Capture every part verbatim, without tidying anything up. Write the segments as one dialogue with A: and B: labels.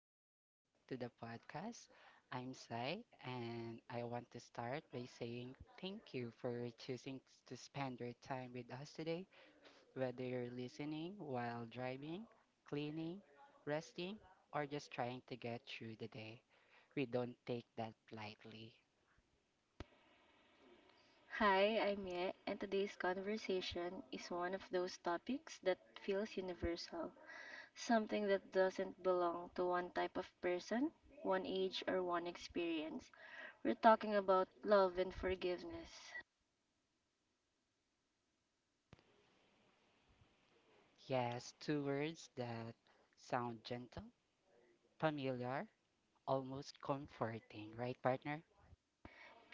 A: welcome back to the podcast. I'm Sai, and I want to start by saying thank you for choosing to spend your time with us today, whether you're listening while driving, cleaning, resting, or just trying to get through the day. We don't take that lightly.
B: Hi, I'm Ye, and today's conversation is one of those topics that feels universal, something that doesn't belong to one type of person, one age, or one experience. We're talking about love and forgiveness.
A: Yes, two words that sound gentle, familiar, almost comforting, right, partner?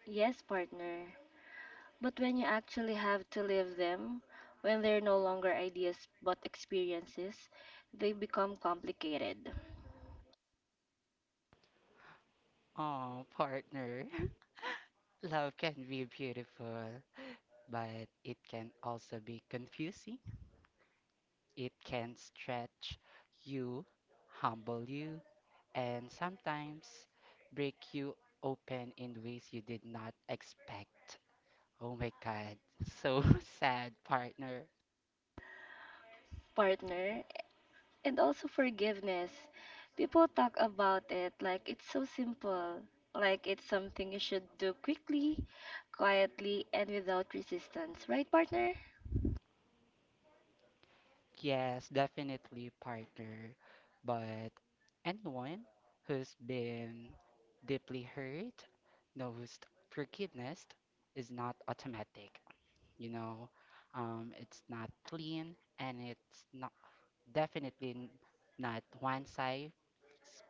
B: Yes, partner, but when you actually have to live them, when they're no longer ideas but experiences, they become complicated.
A: Oh, partner. Love can be beautiful. but it can also be confusing. It can stretch you, humble you, and sometimes break you open in ways you did not expect. Oh my god, so sad, partner.
B: Partner, and also forgiveness. People talk about it like it's so simple, like it's something you should do quickly, quietly, and without resistance. Right, partner?
A: Yes, definitely, partner. But anyone who's been deeply hurt knows forgiveness is not automatic. You know, um, it's not clean and it's not definitely n- not one size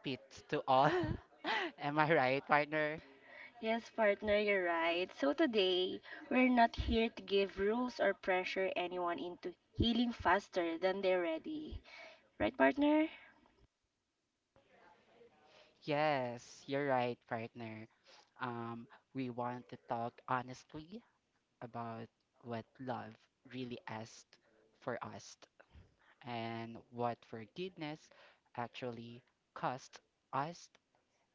A: fits to all. Am I right, partner?
B: Yes, partner, you're right. So today, we're not here to give rules or pressure anyone into healing faster than they're ready. Right, partner?
A: Yes, you're right, partner. Um, we want to talk honestly about what love really asked for us and what forgiveness actually cost us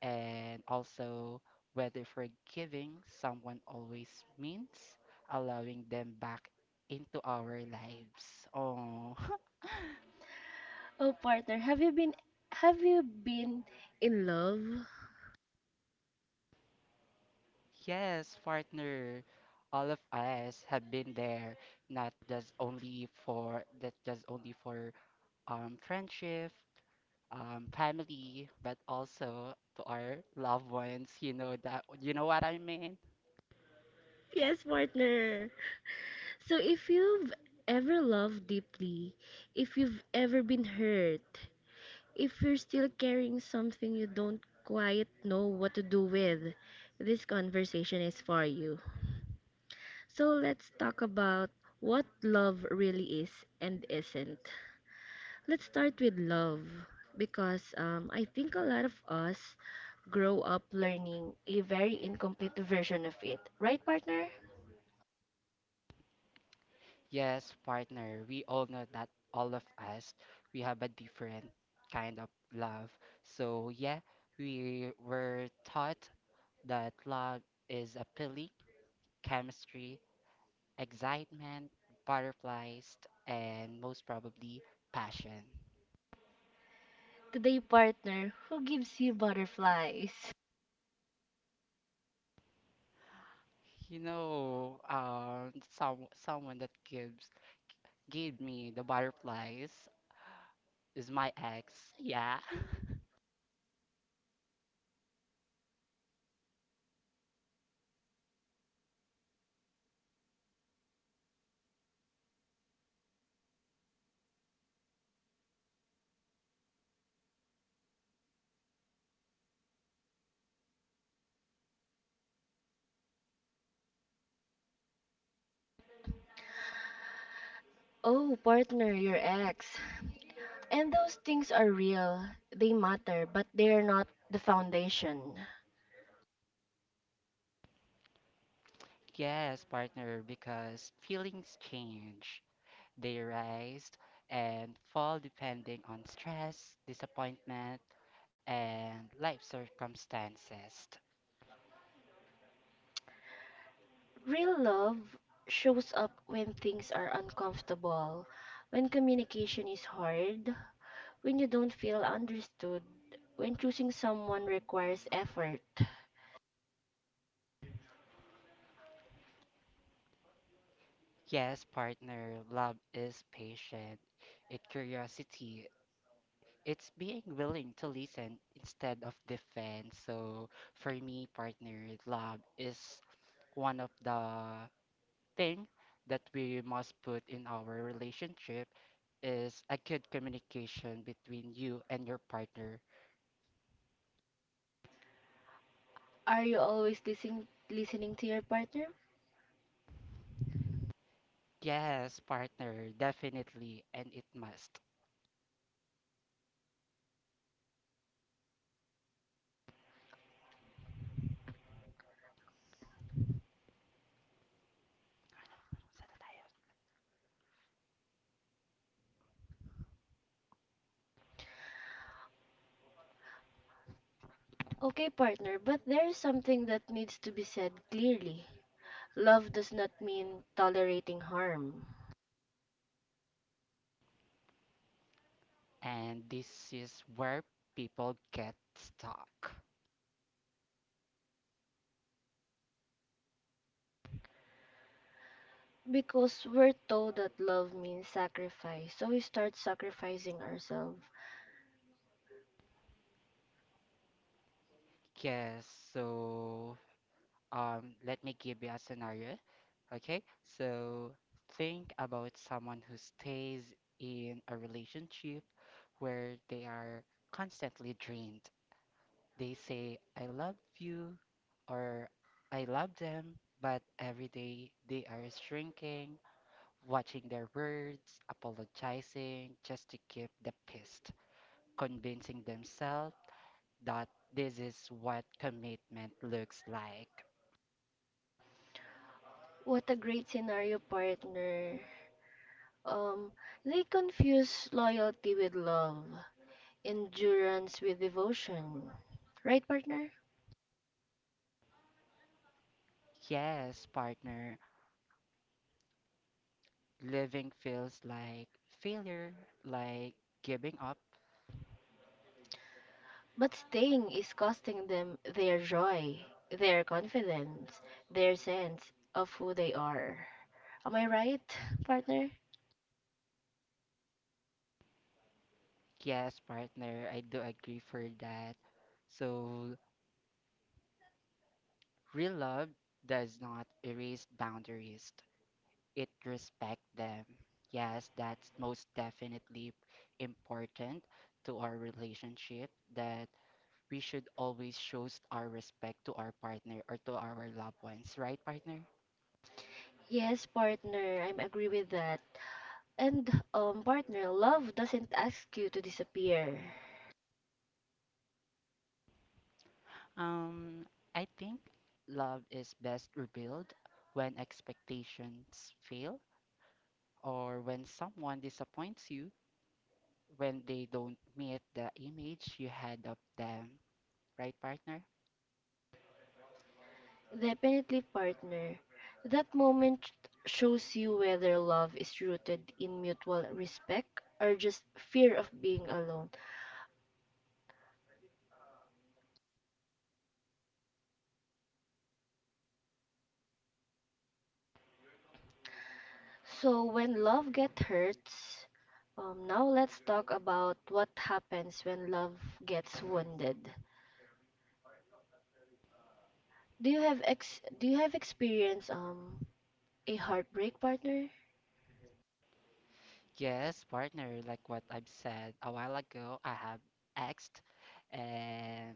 A: And also, whether forgiving someone always means allowing them back into our lives. Oh,
B: Oh, partner, have you been have you been in love?
A: yes, partner. All of us have been there, not just only for that just only for um friendship, um family, but also to our loved ones. You know that you know what I mean?
B: Yes, partner. So if you've ever loved deeply, if you've ever been hurt, if you're still carrying something you don't quite know what to do with, this conversation is for you. So let's talk about what love really is and isn't. Let's start with love because um, I think a lot of us grow up learning a very incomplete version of it. Right, partner?
A: Yes, partner, we all know that all of us, we have a different kind of love. So, yeah, we were taught that love is a feeling, chemistry, excitement, butterflies, and most probably passion.
B: Today, partner, who gives you butterflies?
A: You know, um, some someone that gives gave me the butterflies is my ex. Yeah.
B: Oh, partner, your ex. And those things are real. They matter, but they're not the foundation.
A: Yes, partner, because feelings change. They rise and fall depending on stress, disappointment, and life circumstances.
B: Real love shows up when things are uncomfortable, when communication is hard, when you don't feel understood, when choosing someone requires effort.
A: Yes, partner, love is patient. It curiosity. It's being willing to listen instead of defend. So for me, partner, love is one of the thing that we must put in our relationship is a good communication between you and your partner.
B: Are you always listening listening to your partner?
A: Yes, partner, definitely, and it must.
B: Okay, partner, but there's something that needs to be said clearly. Love does not mean tolerating harm.
A: And this is where people get stuck.
B: Because we're told that love means sacrifice, so we start sacrificing ourselves.
A: Yes, so um, let me give you a scenario. Okay, so think about someone who stays in a relationship where they are constantly drained. They say, I love you, or I love them, but every day they are shrinking watching their words, apologizing just to keep the peace, convincing themselves that this is what commitment looks like.
B: What a great scenario, partner. Um, they confuse loyalty with love, endurance with devotion. Right, partner?
A: Yes, partner, living feels like failure, like giving up.
B: But staying is costing them their joy, their confidence, their sense of who they are. Am I right, partner?
A: Yes, partner, I do agree for that. So, real love does not erase boundaries. it respect them. Yes, that's most definitely important to our relationship that we should always show our respect to our partner or to our loved ones, right, partner?
B: Yes, partner, I am agree with that. And um, partner, love doesn't ask you to disappear.
A: Um, I think love is best revealed when expectations fail or when someone disappoints you when they don't meet the image you had of them, right, partner?
B: Definitely, partner. That moment shows you whether love is rooted in mutual respect or just fear of being alone. So, when love gets hurts, um, now let's talk about what happens when love gets wounded. Do you have ex do you have experience um a heartbreak, partner?
A: Yes, partner, like what I've said a while ago, I have asked, and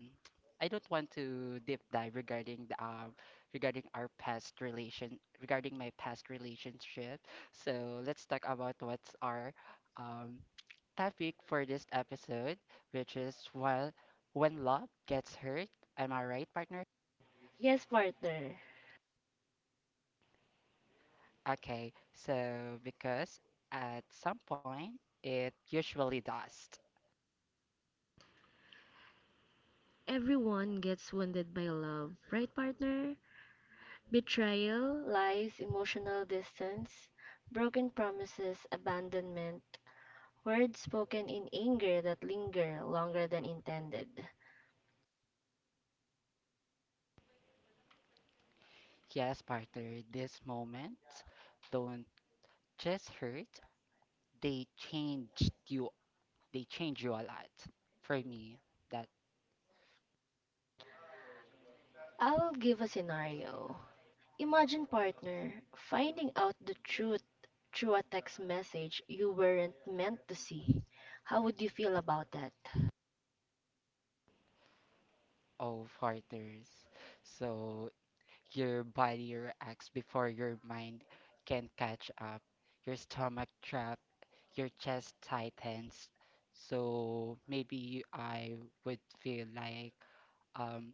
A: I don't want to deep dive regarding the um, regarding our past relation regarding my past relationship. So let's talk about what's our um, topic for this episode, which is well, when love gets hurt. Am I right, partner?
B: Yes, partner.
A: Okay, so because at some point it usually does.
B: Everyone gets wounded by love, right, partner? Betrayal, lies, emotional distance, broken promises, abandonment, words spoken in anger that linger longer than intended.
A: Yes, partner, this moment don't just hurt, they changed you they change you a lot. For me, that
B: I will give a scenario. Imagine, partner, finding out the truth through a text message you weren't meant to see. How would you feel about that?
A: of partners. So your body reacts before your mind can catch up. Your stomach trap, your chest tightens. So maybe I would feel like um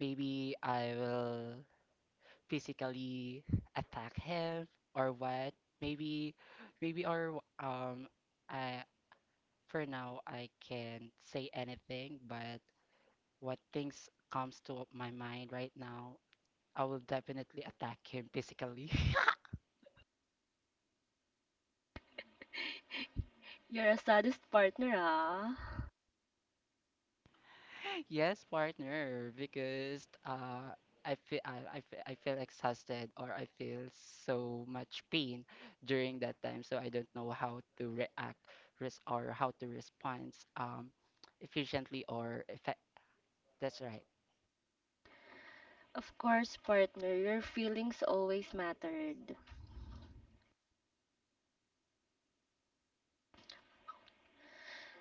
A: maybe I will physically attack him or what. Maybe, maybe or um, I for now, I can't say anything, but what things comes to my mind right now, I will definitely attack him physically.
B: You're a saddest partner, ah?
A: Yes, partner, because uh, I feel I, I, fe- I feel exhausted or I feel so much pain during that time, so I don't know how to react res or how to respond um, efficiently or effect. That's right.
B: Of course, partner, your feelings always mattered.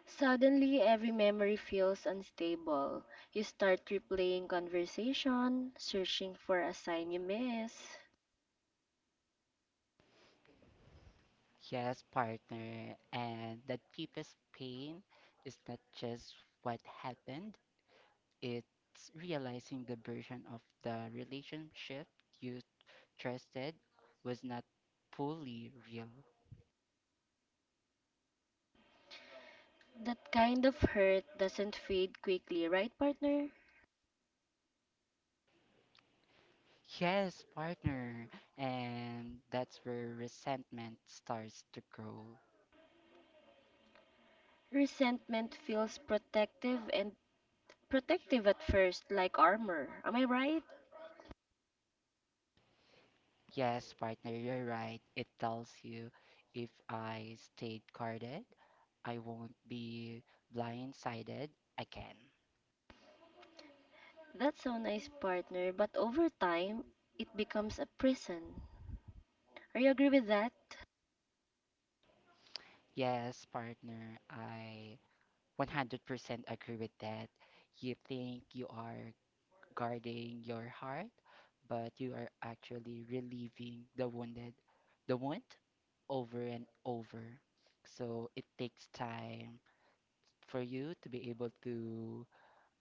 B: Suddenly, every memory feels unstable. You start replaying conversation, searching for a sign you miss.
A: Yes, partner, and that deepest pain is not just what happened, it's realizing the version of the relationship you trusted was not fully real.
B: That kind of hurt doesn't fade quickly, right, partner?
A: Yes, partner. And that's where resentment starts to grow.
B: Resentment feels protective and protective at first, like armor. Am I right?
A: Yes, partner, you're right. It tells you if I stayed guarded, I won't be blindsided again.
B: That's so nice, partner, but over time, it becomes a prison. Are you agree with that?
A: Yes, partner, I one hundred percent agree with that. You think you are guarding your heart, but you are actually relieving the wounded, the wound over and over. So it takes time for you to be able to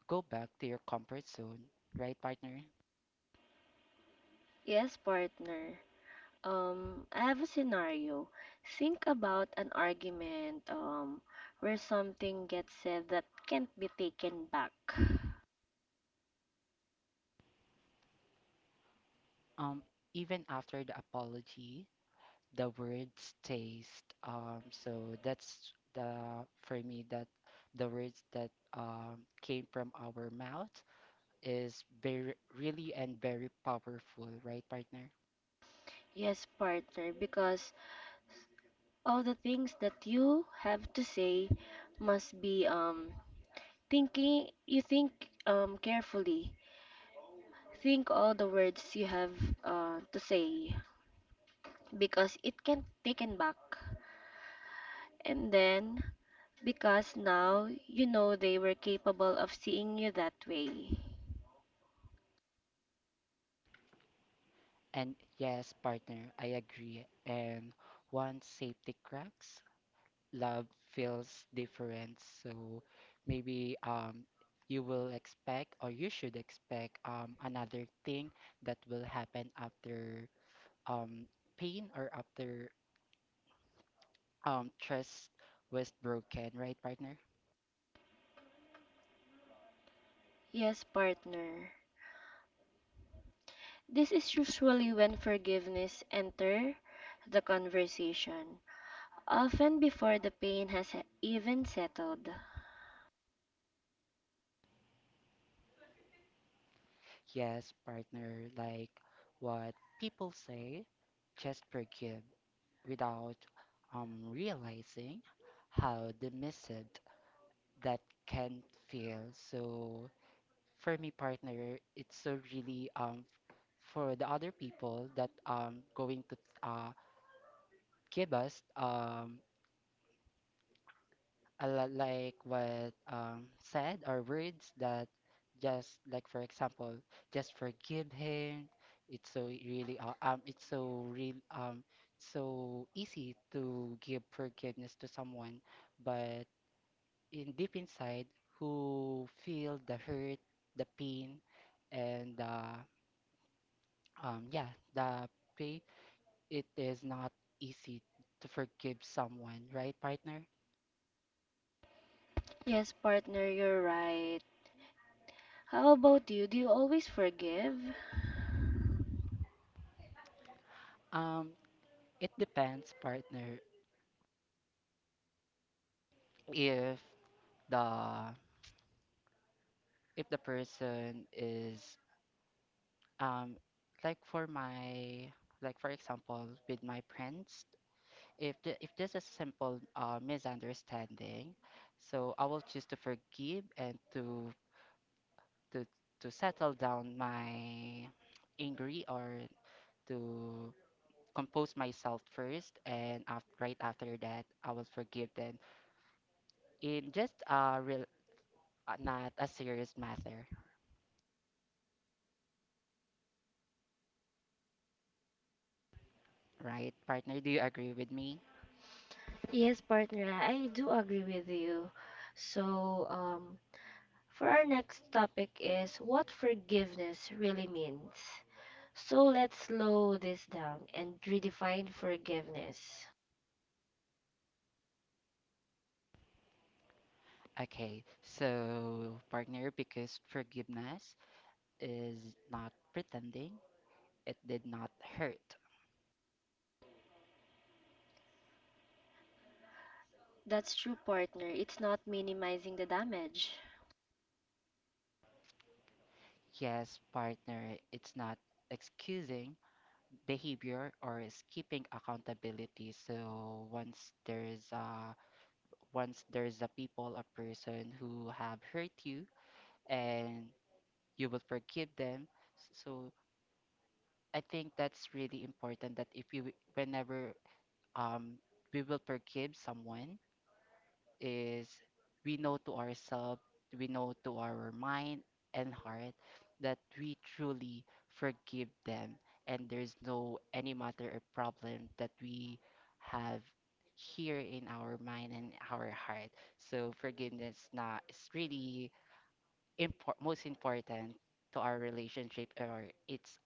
A: go back to your comfort zone, right, partner?
B: Yes, partner. Um, I have a scenario. Think about an argument um, where something gets said that can't be taken back.
A: Um, Even after the apology, the words taste. Um, so that's the for me, that the words that um, came from our mouth is very, really and very powerful, right, partner?
B: Yes, partner, because all the things that you have to say must be um thinking you think um carefully. Think all the words you have uh, to say because it can't be taken back. And then because now you know they were capable of seeing you that way.
A: And yes, partner, I agree. And once safety cracks, love feels different. So maybe um you will expect or you should expect um another thing that will happen after um pain or after um trust was broken, right, partner?
B: Yes, partner. This is usually when forgiveness enter the conversation, often before the pain has e- even settled.
A: Yes, partner, like what people say, just forgive. without um, realizing how dismissive that can feel. So for me, partner, it's so really um for the other people that um going to uh give us um a lot like what um said or words that just like for example just forgive him. It's so really uh, um it's so real um so easy to give forgiveness to someone but in deep inside who feel the hurt, the pain, and the um, yeah, the pain. It is not easy to forgive someone, right, partner?
B: Yes, partner, you're right. How about you? Do you always forgive?
A: Um, it depends, partner, if the if the person is um like for my like for example with my friends if the, if there's a simple uh, misunderstanding. So I will choose to forgive and to to to settle down my angry or to compose myself first and af right after that I will forgive them in just a real uh, not a serious matter, right, partner? Do you agree with me?
B: Yes, partner, I do agree with you. So, um, for our next topic is what forgiveness really means. So let's slow this down and redefine forgiveness.
A: Okay, so, partner, because forgiveness is not pretending it did not hurt.
B: That's true, partner. It's not minimizing the damage.
A: Yes, partner, it's not excusing behavior or is keeping accountability. So once there's a once there's a people, a person who have hurt you and you will forgive them. So I think that's really important that if you whenever um we will forgive someone is we know to ourselves, we know to our mind and heart that we truly forgive them and there's no any matter or problem that we have here in our mind and our heart. So forgiveness na is really impor- most important to our relationship or it's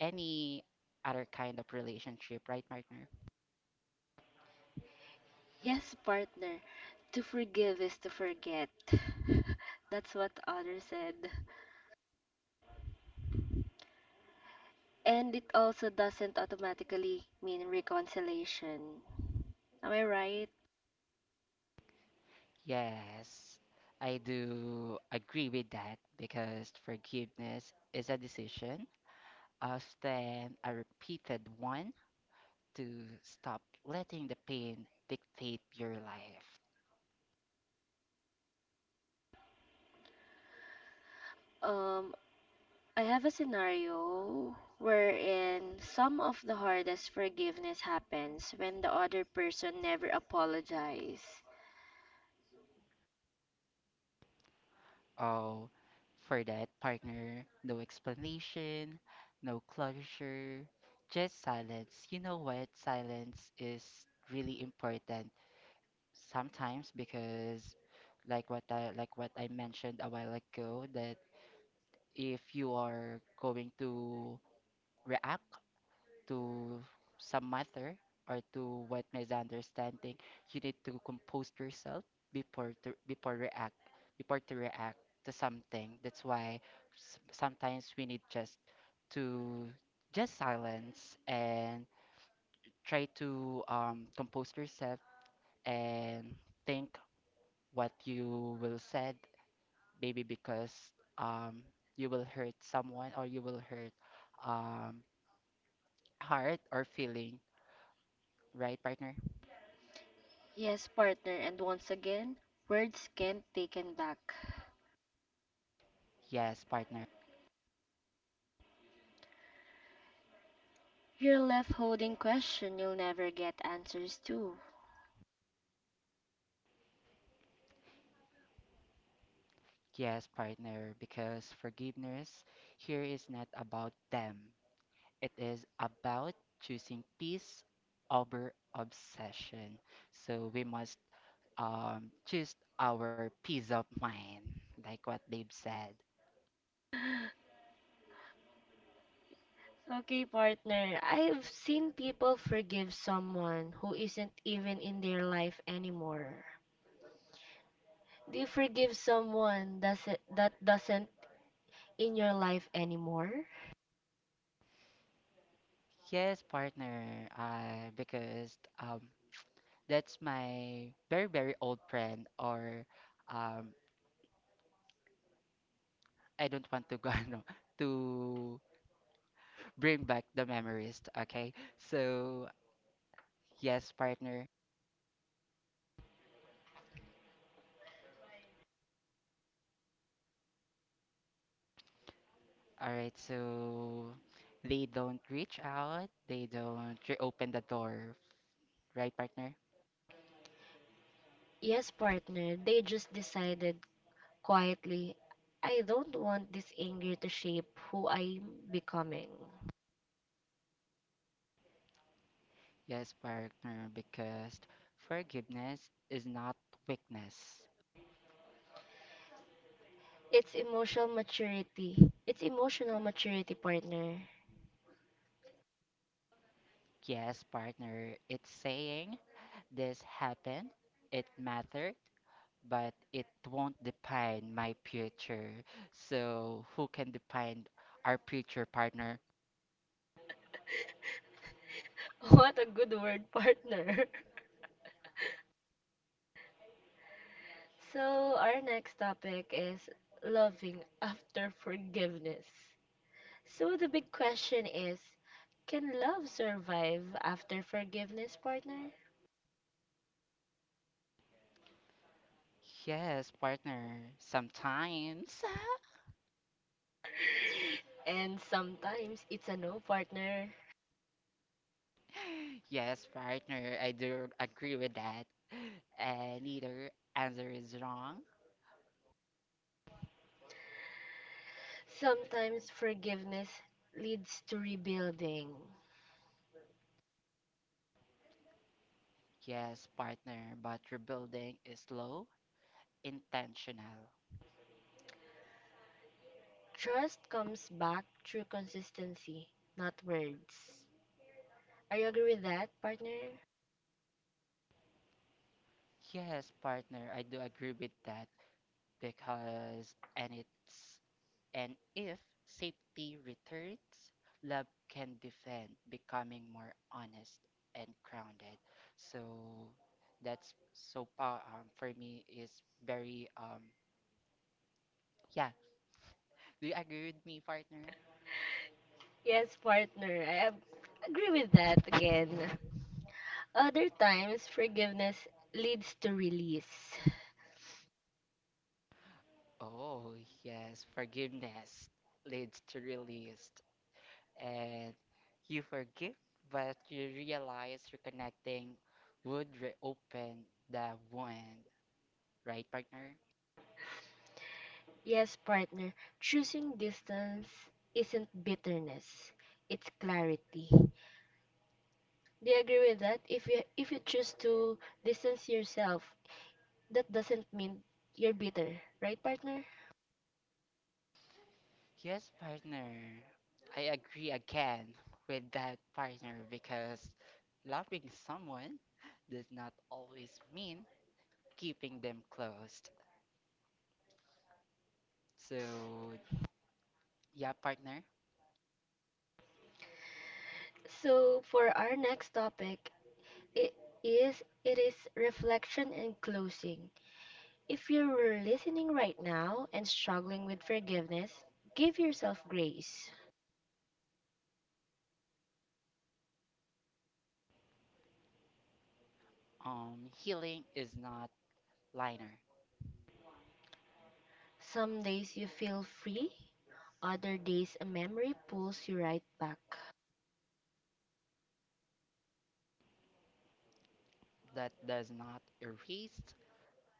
A: any other kind of relationship, right, partner?
B: Yes, partner. To forgive is to forget. That's what others said. And it also doesn't automatically mean reconciliation. Am I right?
A: Yes, I do agree with that because forgiveness is a decision, often a repeated one, to stop letting the pain dictate your life.
B: Um, I have a scenario wherein some of the hardest forgiveness happens when the other person never apologizes.
A: Oh, for that partner, no explanation, no closure, just silence. You know what? Silence is really important sometimes because like what I like what I mentioned a while ago that if you are going to react to some matter or to what misunderstanding, you need to compose yourself before to before react before to react to something. That's why s- sometimes we need just to just silence and try to um, compose yourself and think what you will said maybe because um you will hurt someone or you will hurt um heart or feeling, right, partner?
B: Yes, partner, and once again, words can't taken back.
A: Yes, partner.
B: You're left holding question you'll never get answers to.
A: Yes, partner, because forgiveness here is not about them. It is about choosing peace over obsession. So we must um, choose our peace of mind, like what they've said.
B: Okay, partner. I've seen people forgive someone who isn't even in their life anymore. Do you forgive someone that's, that doesn't in your life anymore?
A: Yes, partner, uh, because um, That's my very, very old friend, or um, I don't want to go ano, to bring back the memories. Okay, so yes, partner. All right, so they don't reach out, they don't reopen the door, right, partner?
B: Yes, partner. They just decided quietly, I don't want this anger to shape who I'm becoming.
A: Yes, partner, because forgiveness is not weakness.
B: It's emotional maturity. It's emotional maturity, partner.
A: Yes, partner, it's saying this happened, it mattered, but it won't define my future. So, who can define our future, partner?
B: What a good word, partner. So, our next topic is loving after forgiveness. So, the big question is, can love survive after forgiveness, partner?
A: Yes, partner, sometimes.
B: And sometimes it's a no, partner.
A: Yes, partner, I do agree with that. And either answer is wrong.
B: Sometimes forgiveness leads to rebuilding.
A: Yes, partner, but rebuilding is slow, intentional.
B: Trust comes back through consistency, not words. Are you agree with that, partner?
A: Yes, partner, I do agree with that because and it's And if safety returns, love can defend, becoming more honest and grounded. So that's so pa um, for me is very um yeah. Do you agree with me, partner?
B: Yes, partner. I ab- agree with that again. Other times, forgiveness leads to release.
A: Oh yes, forgiveness leads to release, and you forgive, but you realize reconnecting would reopen the wound, right, partner?
B: Yes, partner. Choosing distance isn't bitterness. It's clarity. Do you agree with that? If you if you choose to distance yourself, that doesn't mean you're bitter, right, partner?
A: Yes, partner. I agree again with that partner because loving someone does not always mean keeping them closed. So, yeah, partner.
B: So for our next topic, it is it is reflection and closing. If you're listening right now and struggling with forgiveness, give yourself grace.
A: Um, healing is not linear.
B: Some days you feel free, other days a memory pulls you right back.
A: That does not erase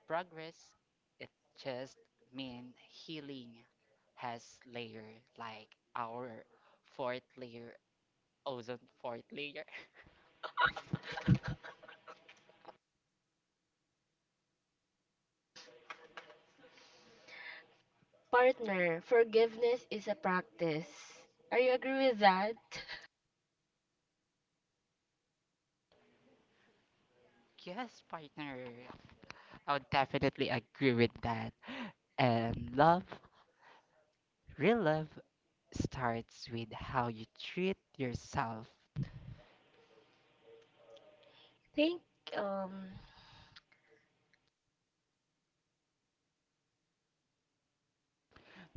A: progress. It just means healing has layer like our fourth layer, ozone fourth layer.
B: Partner, forgiveness is a practice. Are you agree with that?
A: Yes, partner. I would definitely agree with that. And love, real love, starts with how you treat yourself.
B: Think um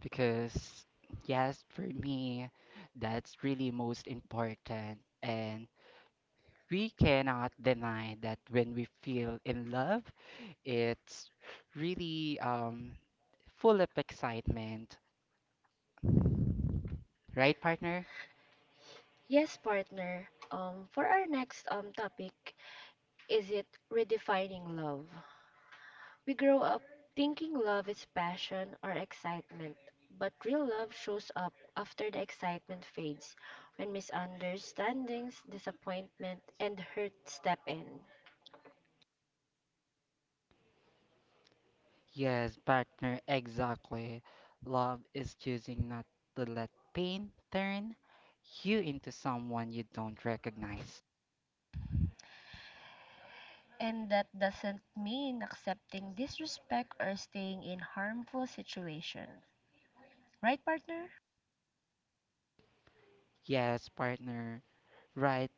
A: Because, yes, for me, that's really most important. And we cannot deny that when we feel in love, it's really um, full of excitement. Right, partner?
B: yes, partner. Um for our next um topic, is it redefining love? We grow up thinking love is passion or excitement, but real love shows up after the excitement fades, when misunderstandings, disappointment, and hurt step in.
A: Yes, partner, exactly. Love is choosing not to let pain turn you into someone you don't recognize.
B: And that doesn't mean accepting disrespect or staying in harmful situation. Right, partner?
A: Yes, partner, right.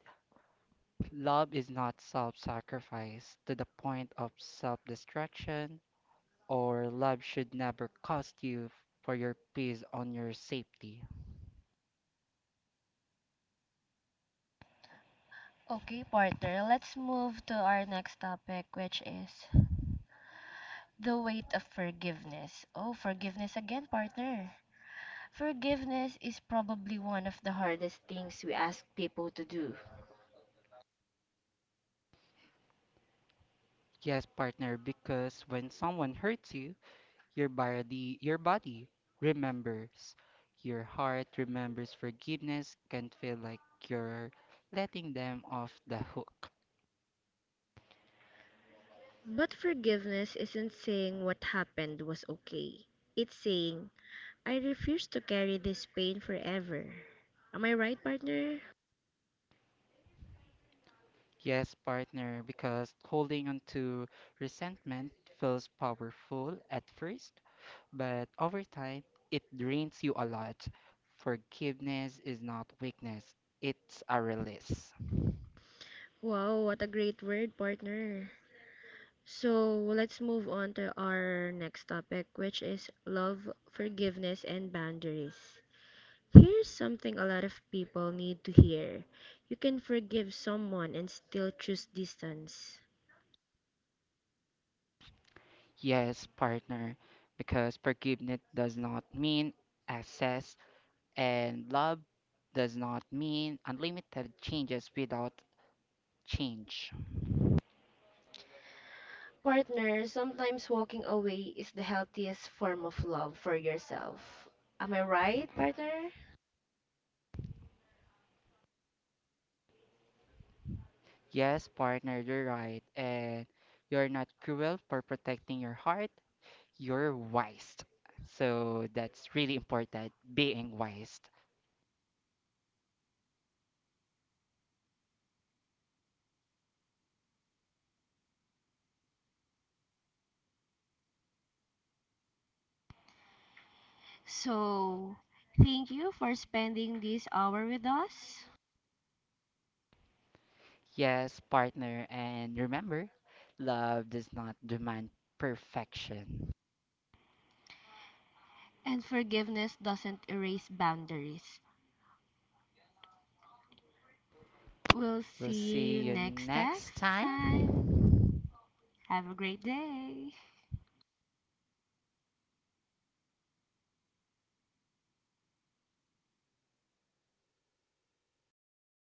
A: Love is not self sacrifice to the point of self destruction, or love should never cost you for your peace on your safety.
B: Okay, partner, let's move to our next topic, which is the weight of forgiveness. Oh, forgiveness again, partner. Forgiveness is probably one of the hardest things we ask people to do.
A: Yes, partner, because when someone hurts you, Your body, your body remembers. Your heart remembers forgiveness can feel like you're letting them off the hook.
B: But forgiveness isn't saying what happened was okay. It's saying, I refuse to carry this pain forever. Am I right, partner?
A: Yes, partner, because holding on to resentment feels powerful at first, but over time, it drains you a lot. Forgiveness is not weakness, it's a release.
B: Wow, what a great word, partner. So let's move on to our next topic, which is love, forgiveness, and boundaries. Here's something a lot of people need to hear. You can forgive someone and still choose distance.
A: Yes, partner, because forgiveness does not mean access And love does not mean unlimited changes without change.
B: Partner, sometimes walking away is the healthiest form of love for yourself. Am I right, partner?
A: Yes, partner, you're right. And you're not cruel for protecting your heart, you're wise. So that's really important, being wise.
B: So, thank you for spending this hour with us.
A: Yes, partner, and remember, love does not demand perfection.
B: And forgiveness doesn't erase boundaries. We'll
A: We'll
B: see
A: see
B: you
A: you
B: next text
A: next
B: time.
A: time.
B: Have a great day.